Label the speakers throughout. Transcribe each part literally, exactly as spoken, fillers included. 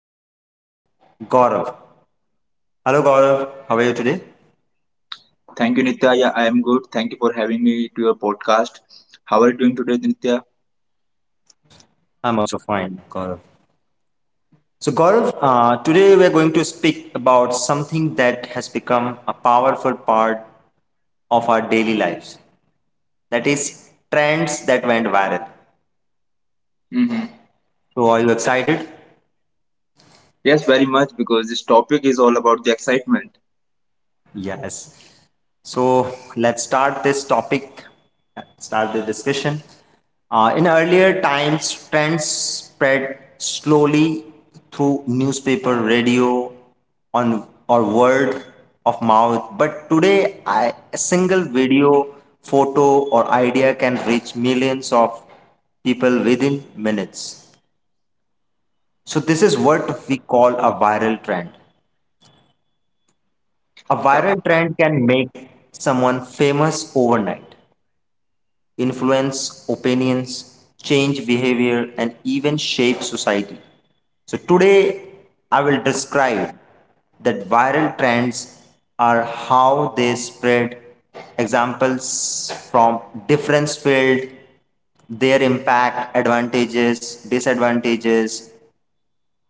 Speaker 1: co-host Gaurav. Hello Gaurav, how are you today?
Speaker 2: Thank you, Nitya. Yeah, I am good. Thank you for having me to your podcast. How are you doing today, Nitya?
Speaker 1: I'm also fine, Gaurav. So Gaurav, uh, today we're going to speak about something that has become a powerful part of our daily lives. That is trends that went viral.
Speaker 2: Hmm.
Speaker 1: So are you excited?
Speaker 2: Yes, very much because this topic is all about the excitement.
Speaker 1: Yes. So let's start this topic, start the discussion. Uh, in earlier times, trends spread slowly through newspaper, radio, on or word of mouth. But today, I, a single video, photo, or idea can reach millions of people within minutes. So this is what we call a viral trend. A viral trend can make someone famous overnight, influence opinions, change behavior, and even shape society. So today I will describe that viral trends are, how they spread, examples from different fields, their impact, advantages, disadvantages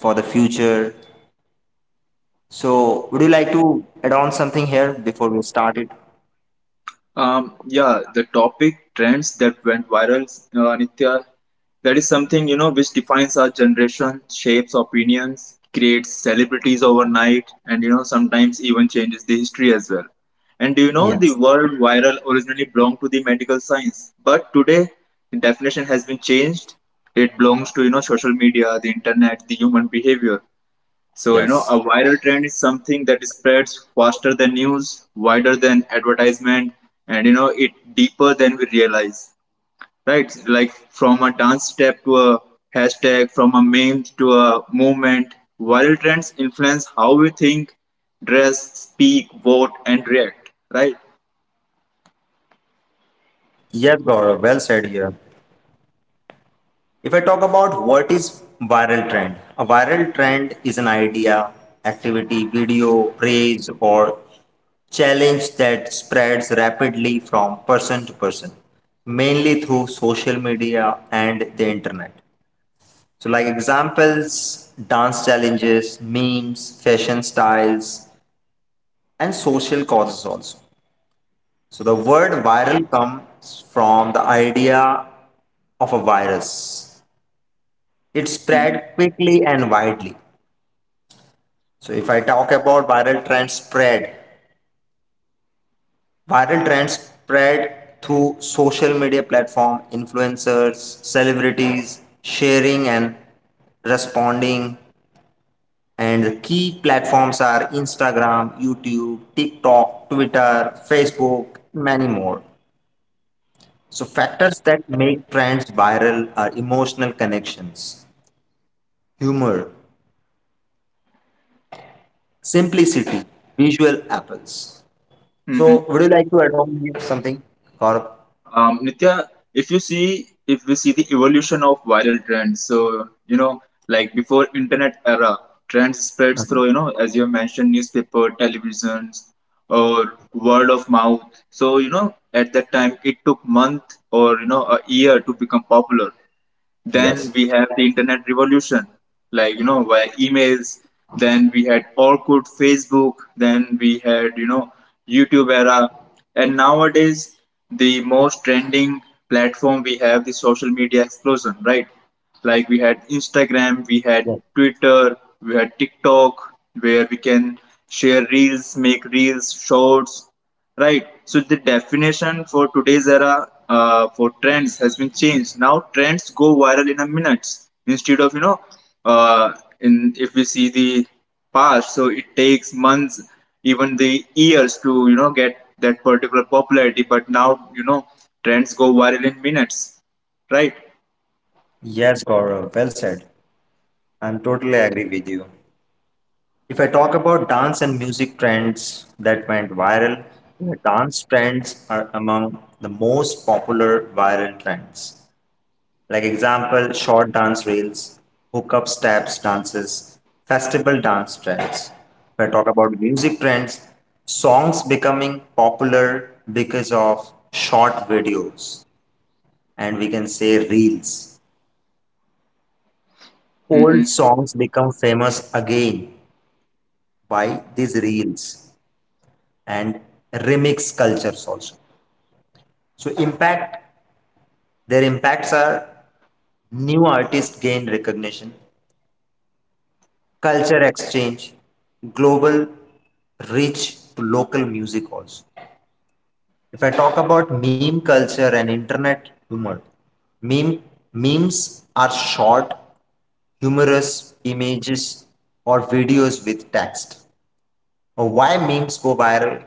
Speaker 1: for the future. So would you like to add on something here before we start it?
Speaker 2: Um, yeah, the topic trends that went viral, uh, Nitya, that is something you know which defines our generation, shapes opinions, creates celebrities overnight, and you know sometimes even changes the history as well. And do you know the
Speaker 1: Yes.
Speaker 2: word viral originally belonged to the medical science, but today the definition has been changed. It belongs to you know social media, the internet, the human behavior. So, you know,
Speaker 1: Yes.
Speaker 2: a viral trend is something that spreads faster than news, wider than advertisement, and, you know, it deeper than we realize, right? Like from a dance step to a hashtag, from a meme to a movement, viral trends influence how we think, dress, speak, vote, and react, right?
Speaker 1: Yes, Gaurav, well said here. If I talk about what is viral trend, a viral trend is an idea, activity, video, praise, or challenge that spreads rapidly from person to person, mainly through social media and the internet. So, like examples, dance challenges, memes, fashion styles, and social causes also. So the word viral comes from the idea of a virus. It spread quickly and widely. So if I talk about viral trend spread, viral trends spread through social media platform, influencers, celebrities, sharing and responding. And the key platforms are Instagram, YouTube, TikTok, Twitter, Facebook, many more. So factors that make trends viral are emotional connections, humor, simplicity, visual apples.
Speaker 2: Mm-hmm.
Speaker 1: So would you like to add on something, Gaurav?
Speaker 2: Um, Nitya, if you see if we see the evolution of viral trends, so you know, like before internet era, trends spreads through you know, as you have mentioned, newspaper, televisions, or word of mouth. So you know, at that time, it took month or you know a year to become popular. Then
Speaker 1: Yes.
Speaker 2: we have the internet revolution, like you know, via emails. Then we had Orkut, Facebook. Then we had you know YouTube era, and nowadays the most trending platform we have the social media explosion, right? Like we had Instagram, we had
Speaker 1: Yes.
Speaker 2: Twitter, we had TikTok, where we can share reels, make reels, shorts. Right. So the definition for today's era uh, for trends has been changed. Now trends go viral in a minutes instead of you know, uh, in if we see the past, so it takes months, even the years to you know get that particular popularity. But now you know trends go viral in minutes. Right.
Speaker 1: Yes, Gaurav, well said. I'm totally agree with you. If I talk about dance and music trends that went viral, the dance trends are among the most popular viral trends. Like example, short dance reels, hookup steps dances, festival dance trends. If I talk about music trends, songs becoming popular because of short videos and we can say reels. Old
Speaker 2: Mm-hmm.
Speaker 1: songs become famous again by these reels and remix cultures also. So impact their impacts are new artists gain recognition, culture exchange, global reach to local music also. If I talk about meme culture and internet humor, meme memes are short, humorous images or videos with text, or why memes go viral.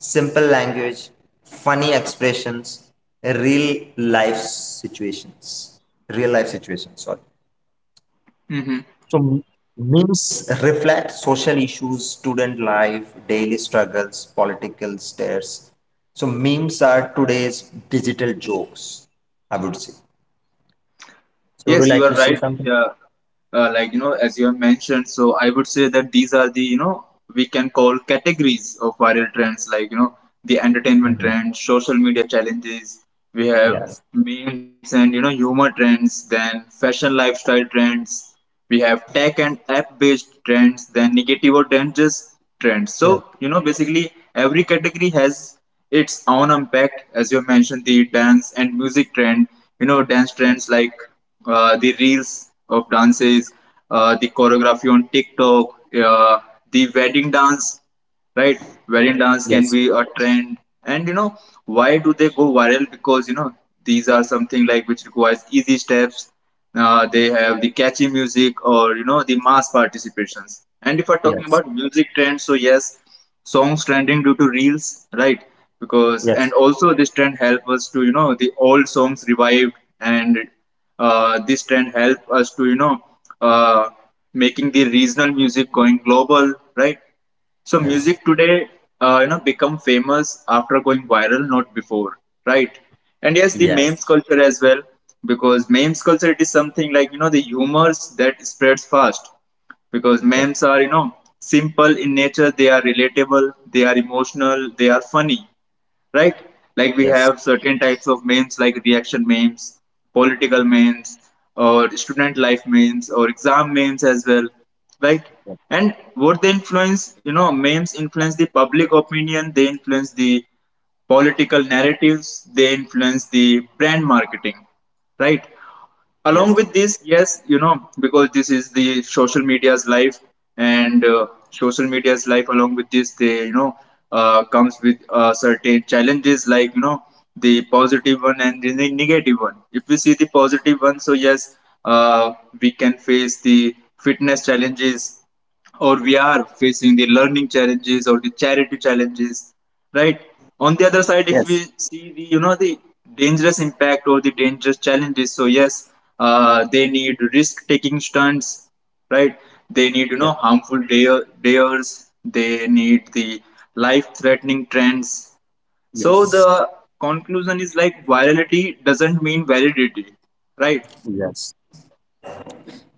Speaker 1: Simple language, funny expressions, real life situations. Real life situations, sorry.
Speaker 2: Mm-hmm.
Speaker 1: So m- memes reflect social issues, student life, daily struggles, political stares. So memes are today's digital jokes, I would say.
Speaker 2: Yes, you are right, Nitya. Uh, uh, like you know, as you have mentioned, so I would say that these are the you know we can call categories of viral trends. Like you know, the entertainment trends, social media challenges. We have memes and you know humor trends. Then fashion lifestyle trends we have tech and app based trends then negative or dangerous trends so you know basically every category has its own impact as you mentioned the dance and music trend you know dance trends like uh, the reels of dances, uh, the choreography on TikTok, uh, the wedding dance, right? Wedding dance can be
Speaker 1: Yes,
Speaker 2: a trend, and you know why do they go viral because you know these are something like which requires easy steps. uh, they have the catchy music or you know the mass participations, and if we're talking
Speaker 1: yes,
Speaker 2: about music trends, so yes, songs trending due to reels, right? Because and
Speaker 1: yes.
Speaker 2: also this trend help us to you know the old songs revived, and uh, this trend help us to you know uh, making the regional music going global, right? So
Speaker 1: Yes.
Speaker 2: music today, uh, you know, become famous after going viral, not before, right? And yes,
Speaker 1: Yes,
Speaker 2: the memes
Speaker 1: yes,
Speaker 2: culture as well, because memes culture it is something like you know the humors that spreads fast, because memes are you know simple in nature, they are relatable, they are emotional, they are funny, right? Like we
Speaker 1: yes,
Speaker 2: have certain types of memes like reaction memes, political memes, or student life memes, or exam memes as well, right? And what they influence, you know, memes influence the public opinion, they influence the political narratives, they influence the brand marketing, right?
Speaker 1: yes,
Speaker 2: Along
Speaker 1: yes,
Speaker 2: with this yes you know because this is the social media's life, and uh, social media's life along with this they you know uh, comes with uh, certain challenges like you know the positive one and the ne- negative one. If we see the positive one, so yes, uh, we can face the fitness challenges, or we are facing the learning challenges or the charity challenges, right? On the other side, if we
Speaker 1: yes,
Speaker 2: see the you know the dangerous impact or the dangerous challenges, so yes, uh, they need risk taking stunts, right? They need you
Speaker 1: yes.
Speaker 2: know harmful dare, dares, they need the life threatening trends. So the
Speaker 1: Yes.
Speaker 2: conclusion is like virality doesn't mean validity, right?
Speaker 1: Yes.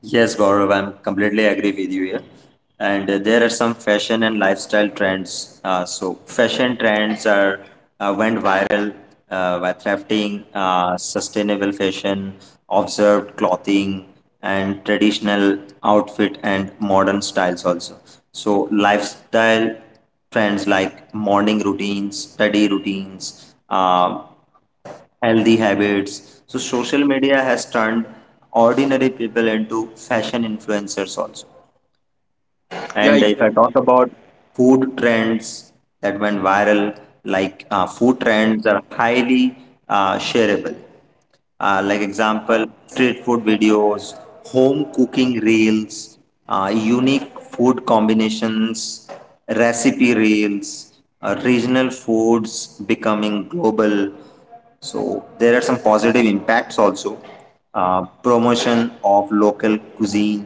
Speaker 1: Yes, Gaurav, I'm completely agree with you here. And uh, there are some fashion and lifestyle trends. Uh, so fashion trends are uh, went viral uh, by thrifting, uh, sustainable fashion, observed clothing, and traditional outfit and modern styles also. So lifestyle trends like morning routines, study routines, uh, healthy habits. So social media has turned ordinary people into fashion influencers also.
Speaker 2: Yeah,
Speaker 1: And if I talk
Speaker 2: exactly.
Speaker 1: about food trends that went viral, like uh, food trends are highly uh, shareable. Uh, like example, street food videos, home cooking reels, uh, unique food combinations, recipe reels, uh, regional foods becoming global. So there are some positive impacts also. Uh, promotion of local cuisine,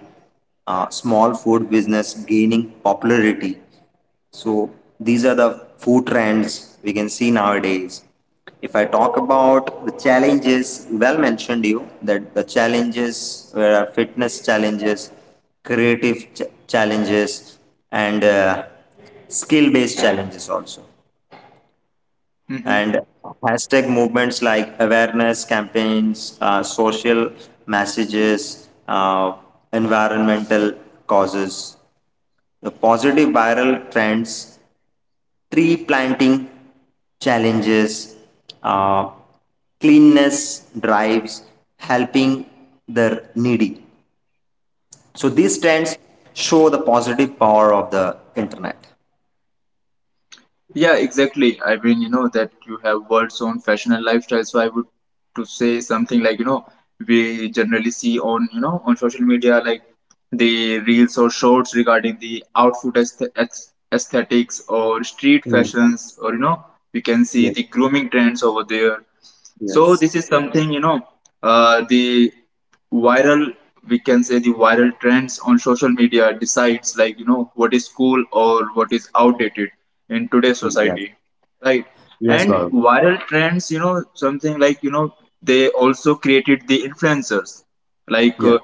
Speaker 1: uh, small food business gaining popularity. So these are the food trends we can see nowadays. If I talk about the challenges, well mentioned you that the challenges were fitness challenges, creative ch- challenges, and uh, skill based challenges also,
Speaker 2: Mm-hmm.
Speaker 1: and hashtag movements like awareness campaigns, uh, social messages, uh, environmental causes, the positive viral trends, tree planting challenges, uh, cleanness drives, helping the needy. So these trends show the positive power of the internet.
Speaker 2: Yeah, exactly. I mean, you know that you have words on fashion and lifestyle, so I would to say something like, you know, we generally see on, you know, on social media like the reels or shorts regarding the outfit aesthe- aes- aesthetics or street
Speaker 1: Mm.
Speaker 2: fashions, or you know, we can see
Speaker 1: Yes,
Speaker 2: the grooming trends over there. So
Speaker 1: yes,
Speaker 2: this is something you know uh, the viral, we can say the viral trends on social media decides like you know what is cool or what is outdated in today's
Speaker 1: yes.
Speaker 2: society, right?
Speaker 1: Yes,
Speaker 2: And
Speaker 1: Gaurav.
Speaker 2: viral trends you know something like you know they also created the influencers, like
Speaker 1: Yeah.
Speaker 2: uh,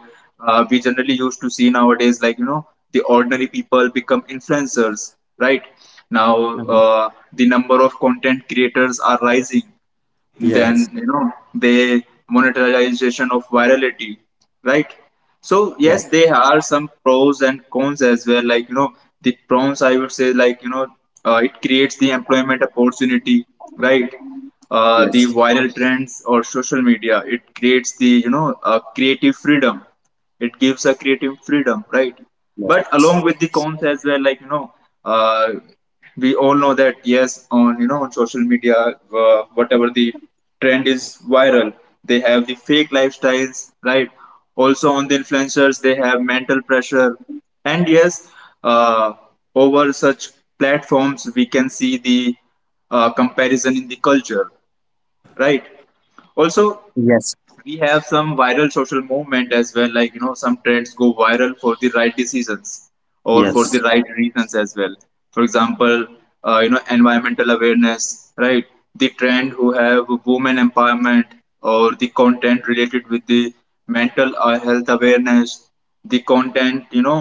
Speaker 2: uh, we generally used to see nowadays like you know the ordinary people become influencers, right? Now
Speaker 1: Mhm.
Speaker 2: uh, the number of content creators are rising,
Speaker 1: Yes.
Speaker 2: then you know they monetization of virality, right? So
Speaker 1: Yes.
Speaker 2: yes, there are some pros and cons as well, like you know the pros I would say like you know uh, it creates the employment opportunity, right? uh, the
Speaker 1: Yes,
Speaker 2: viral trends or social media it creates the you know uh, creative freedom, it gives a creative freedom, right?
Speaker 1: yes,
Speaker 2: But along with the cons as well, like you know, uh, we all know that yes on you know on social media, uh, whatever the trend is viral, they have the fake lifestyles, right? Also on the influencers they have mental pressure, and yes, uh, over such platforms we can see the uh, comparison in the culture, right? Also
Speaker 1: yes,
Speaker 2: we have some viral social movement as well, like you know some trends go viral for the right decisions or for the
Speaker 1: yes.
Speaker 2: right reasons as well. For example, uh, you know environmental awareness, right? The trend who have women empowerment, or the content related with the mental uh, health awareness, the content you know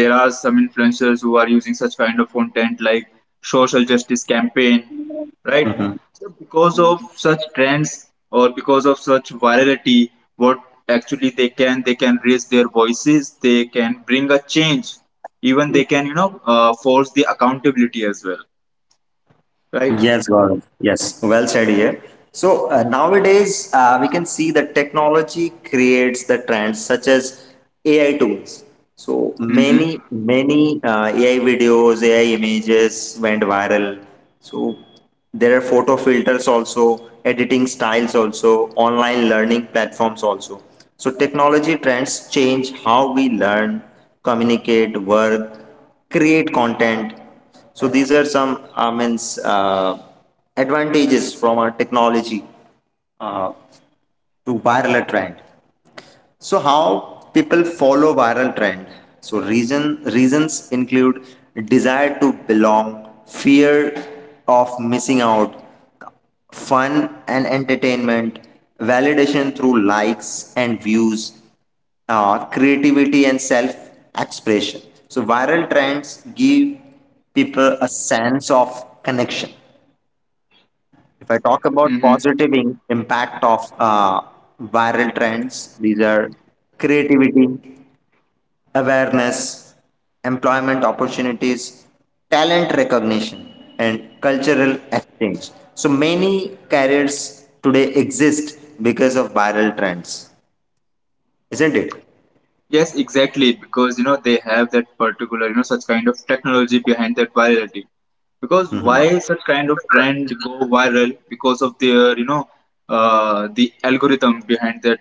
Speaker 2: there are some influencers who are using such kind of content like social justice campaign, right? So because of such trends or because of such virality, what actually they can they can raise their voices, they can bring a change, even they can you know uh, force the accountability as well, right?
Speaker 1: Yes, Gaurav. Yes, well said here. So uh, nowadays, uh, we can see that technology creates the trends such as A I tools. So
Speaker 2: Mm-hmm.
Speaker 1: many, many uh, A I videos, A I images went viral. So there are photo filters also, editing styles also, online learning platforms also. So technology trends change how we learn, communicate, work, create content. So these are some uh, means uh, advantages from our technology uh, to viral trend. So how people follow viral trend? So reason reasons include desire to belong, fear of missing out, fun and entertainment, validation through likes and views, uh, creativity and self expression. So viral trends give people a sense of connection. If I talk
Speaker 2: Mm-hmm.
Speaker 1: about positive in- impact of uh, viral trends, these are creativity, awareness, employment opportunities, talent recognition, and cultural exchange. So many careers today exist because of viral trends, isn't it?
Speaker 2: Yes, exactly, because you know they have that particular you know such kind of technology behind that virality. Because why such kind of trend go viral because of their you know uh, the algorithm behind that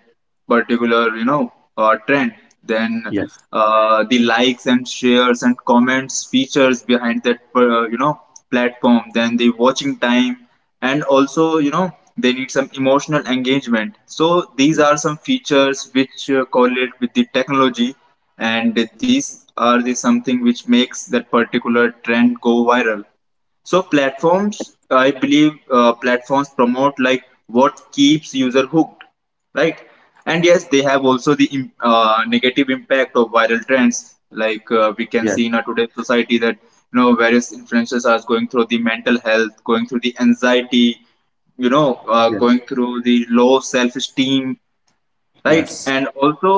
Speaker 2: particular you know uh, trend, then
Speaker 1: Yes,
Speaker 2: uh, the likes and shares and comments features behind that uh, you know platform, then the watching time, and also you know they need some emotional engagement, so these are some features which uh, correlate with the technology, and these are the something which makes that particular trend go viral. So platforms, I believe, uh, platforms promote like what keeps user hooked, right? And yes, they have also the
Speaker 1: yes,
Speaker 2: im- uh, negative impact of viral trends. Like uh, we can
Speaker 1: yes,
Speaker 2: see in our today's society that you know various influencers are going through the mental health, going through the anxiety, you know, uh,
Speaker 1: yes,
Speaker 2: going through the low self-esteem, right?
Speaker 1: yes,
Speaker 2: And also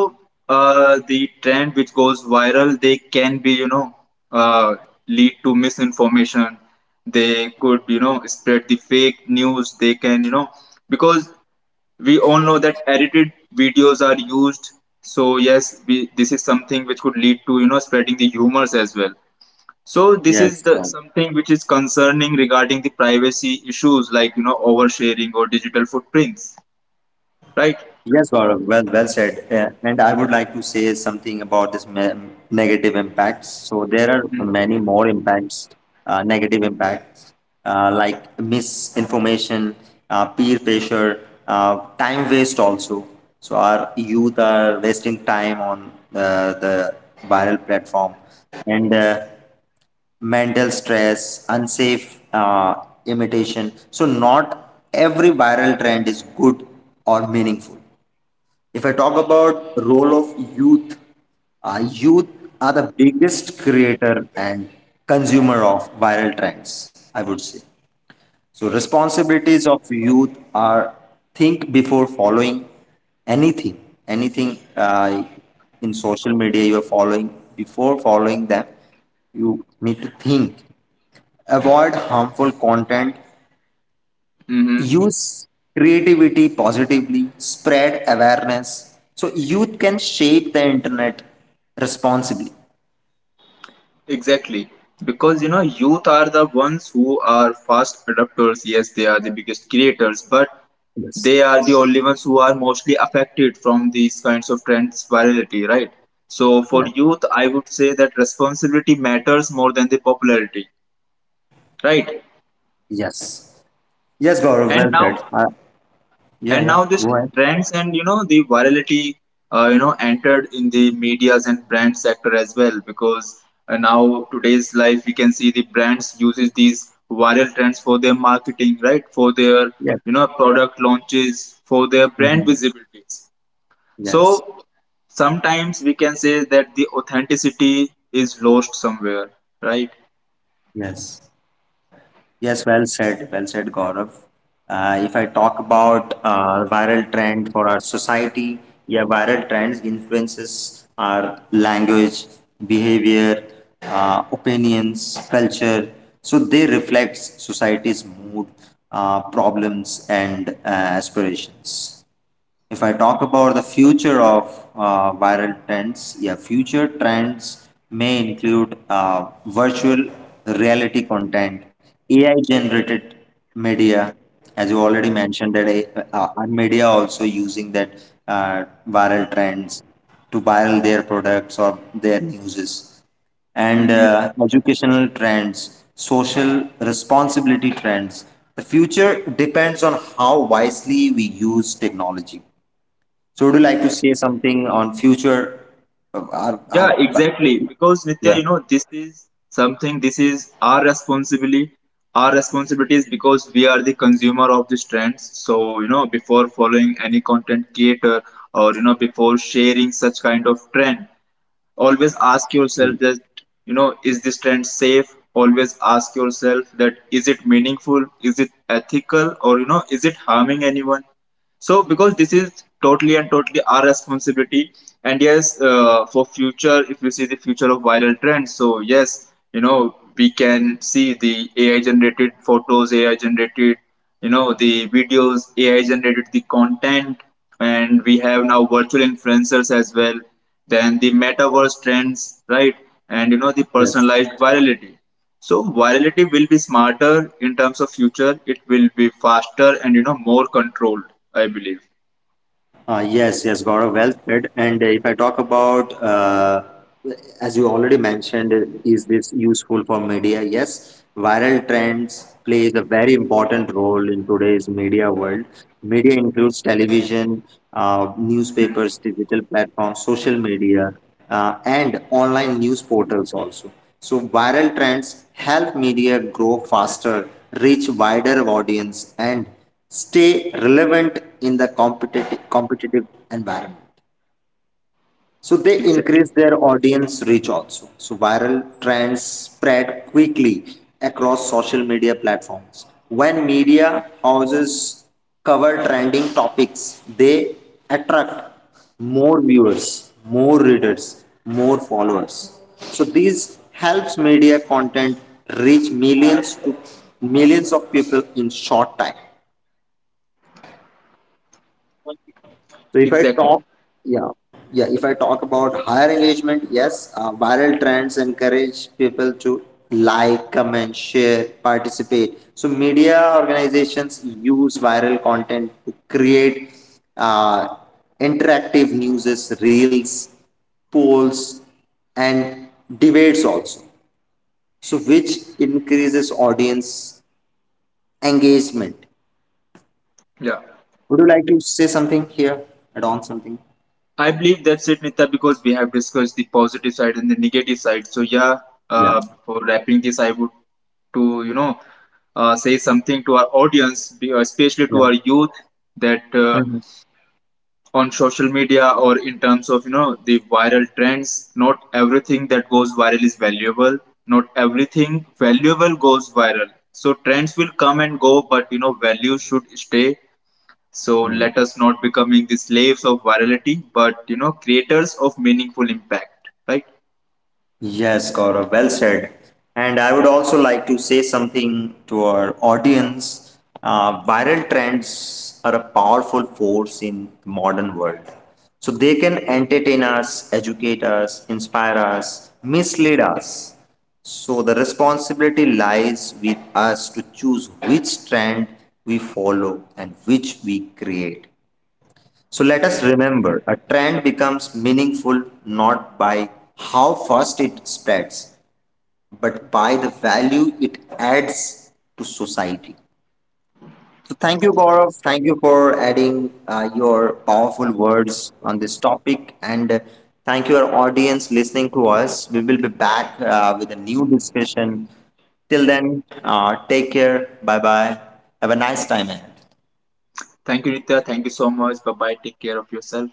Speaker 2: uh, the trend which goes viral they can be you know uh, lead to misinformation, they could you know spread the fake news, they can you know because we all know that edited videos are used. So yes we, this is something which could lead to you know spreading the humors as well. So this is
Speaker 1: yes,
Speaker 2: the
Speaker 1: God.
Speaker 2: something which is concerning regarding the privacy issues like you know oversharing or digital footprints, right?
Speaker 1: Yes, Gaurav, well, well said. Uh, and I would like to say something about this me- negative impacts. So there are many more impacts, uh, negative impacts uh, like misinformation, uh, peer pressure, uh, time waste also. So our youth are wasting time on uh, the viral platform and uh, mental stress, unsafe uh, imitation. So not every viral trend is good or meaningful. If I talk about role of youth, uh, youth are the biggest creator and consumer of viral trends, I would say. So responsibilities of youth are think before following anything, anything uh, in social media you are following. Before following them, you need to think. Avoid harmful content,
Speaker 2: Mm-hmm.
Speaker 1: use creativity positively, spread awareness. So youth can shape the internet responsibly.
Speaker 2: Exactly. Because you know, youth are the ones who are fast adopters. Yes, they are the biggest creators, but
Speaker 1: Yes.
Speaker 2: they are the only ones who are mostly affected from these kinds of trends virality, right? So for
Speaker 1: Yes.
Speaker 2: youth, I would say that responsibility matters more than the popularity, right?
Speaker 1: Yes. Yes, Gaurav,
Speaker 2: And
Speaker 1: well said.
Speaker 2: now,
Speaker 1: Uh, yeah,
Speaker 2: and
Speaker 1: yeah.
Speaker 2: now this
Speaker 1: Go ahead.
Speaker 2: trends and you know the virality, uh, you know entered in the medias and brand sector as well, because uh, now today's life we can see the brands uses these viral trends for their marketing, right? For their
Speaker 1: Yes.
Speaker 2: you know product launches, for their brand
Speaker 1: Mhm.
Speaker 2: visibilities. So
Speaker 1: Yes.
Speaker 2: sometimes we can say that the authenticity is lost somewhere, right?
Speaker 1: Yes. Yes, well said, well said, Gaurav. Uh, if I talk about uh, viral trend for our society, yeah, viral trends influences our language, behavior, uh, opinions, culture. So they reflect society's mood, uh, problems, and uh, aspirations. If I talk about the future of uh, viral trends, yeah, future trends may include uh, virtual reality content, A I generated media, as you already mentioned that uh, uh, media also using that uh, viral trends to viral their products or their newses, and
Speaker 2: Mm-hmm.
Speaker 1: uh, educational trends, social responsibility trends. The future depends on how wisely we use technology. So would you like to say something on future? uh, Our,
Speaker 2: Yeah,
Speaker 1: our,
Speaker 2: exactly. Because Nitya,
Speaker 1: yeah.
Speaker 2: you know, this is something, this is our responsibility, our responsibilities because we are the consumer of these trends. So, you know, before following any content creator or, you know, before sharing such kind of trend, always ask yourself that, you know, is this trend safe? Always ask yourself that is it meaningful? Is it ethical? Or, you know, is it harming anyone? So, because this is totally and totally our responsibility, and yes, uh, for future, if you see the future of viral trends, so yes, you know, we can see the A I generated photos, A I generated, you know, the videos, A I generated the content, and we have now virtual influencers as well. Then the metaverse trends, right? And you know, the
Speaker 1: Yes.
Speaker 2: personalized virality. So virality will be smarter in terms of future. It will be faster and you know more controlled. I believe.
Speaker 1: Uh, yes, yes, Gaurav, well said. And uh, if I talk about, uh, as you already mentioned, is this useful for media? Yes, viral trends plays a very important role in today's media world. Media includes television, uh, newspapers, digital platforms, social media, uh, and online news portals also. So viral trends help media grow faster, reach wider audience, and stay relevant in the competitive competitive environment, so they
Speaker 2: Exactly.
Speaker 1: increase their audience reach also. So viral trends spread quickly across social media platforms. When media houses cover trending topics, they attract more viewers, more readers, more followers. So this helps media content reach millions to millions of people in short time. So if I
Speaker 2: Exactly.
Speaker 1: talk, yeah, yeah, if I talk about higher engagement, yes, uh, viral trends encourage people to like, comment, share, participate. So media organizations use viral content to create uh, interactive news, reels, polls, and debates also, so which increases audience engagement.
Speaker 2: Yeah.
Speaker 1: Would you like to say something here? Add on something?
Speaker 2: I believe that's it, Nita, because we have discussed the positive side and the negative side. So yeah,
Speaker 1: Yeah,
Speaker 2: uh, for wrapping this, I would to you know uh, say something to our audience, be- especially
Speaker 1: yeah.
Speaker 2: to our youth, that uh, on social media or in terms of you know the viral trends not everything that goes viral is valuable, not everything valuable goes viral, so trends will come and go, but you know value should stay. So let us not becoming the slaves of virality, but you know creators of meaningful impact, right?
Speaker 1: Yes, Gaurav, well said. And I would also like to say something to our audience. Uh, viral trends are a powerful force in the modern world. So they can entertain us, educate us, inspire us, mislead us. So the responsibility lies with us to choose which trend we follow and which we create. So let us remember a trend becomes meaningful not by how fast it spreads, but by the value it adds to society. So thank you, Gaurav. Thank you for adding uh, your powerful words on this topic. And uh, thank you, our audience, listening to us. We will be back uh, with a new discussion. Till then, uh, take care. Bye bye. Have a nice time ahead.
Speaker 2: Thank you, Nitya, thank you so much, bye bye, take care of yourself.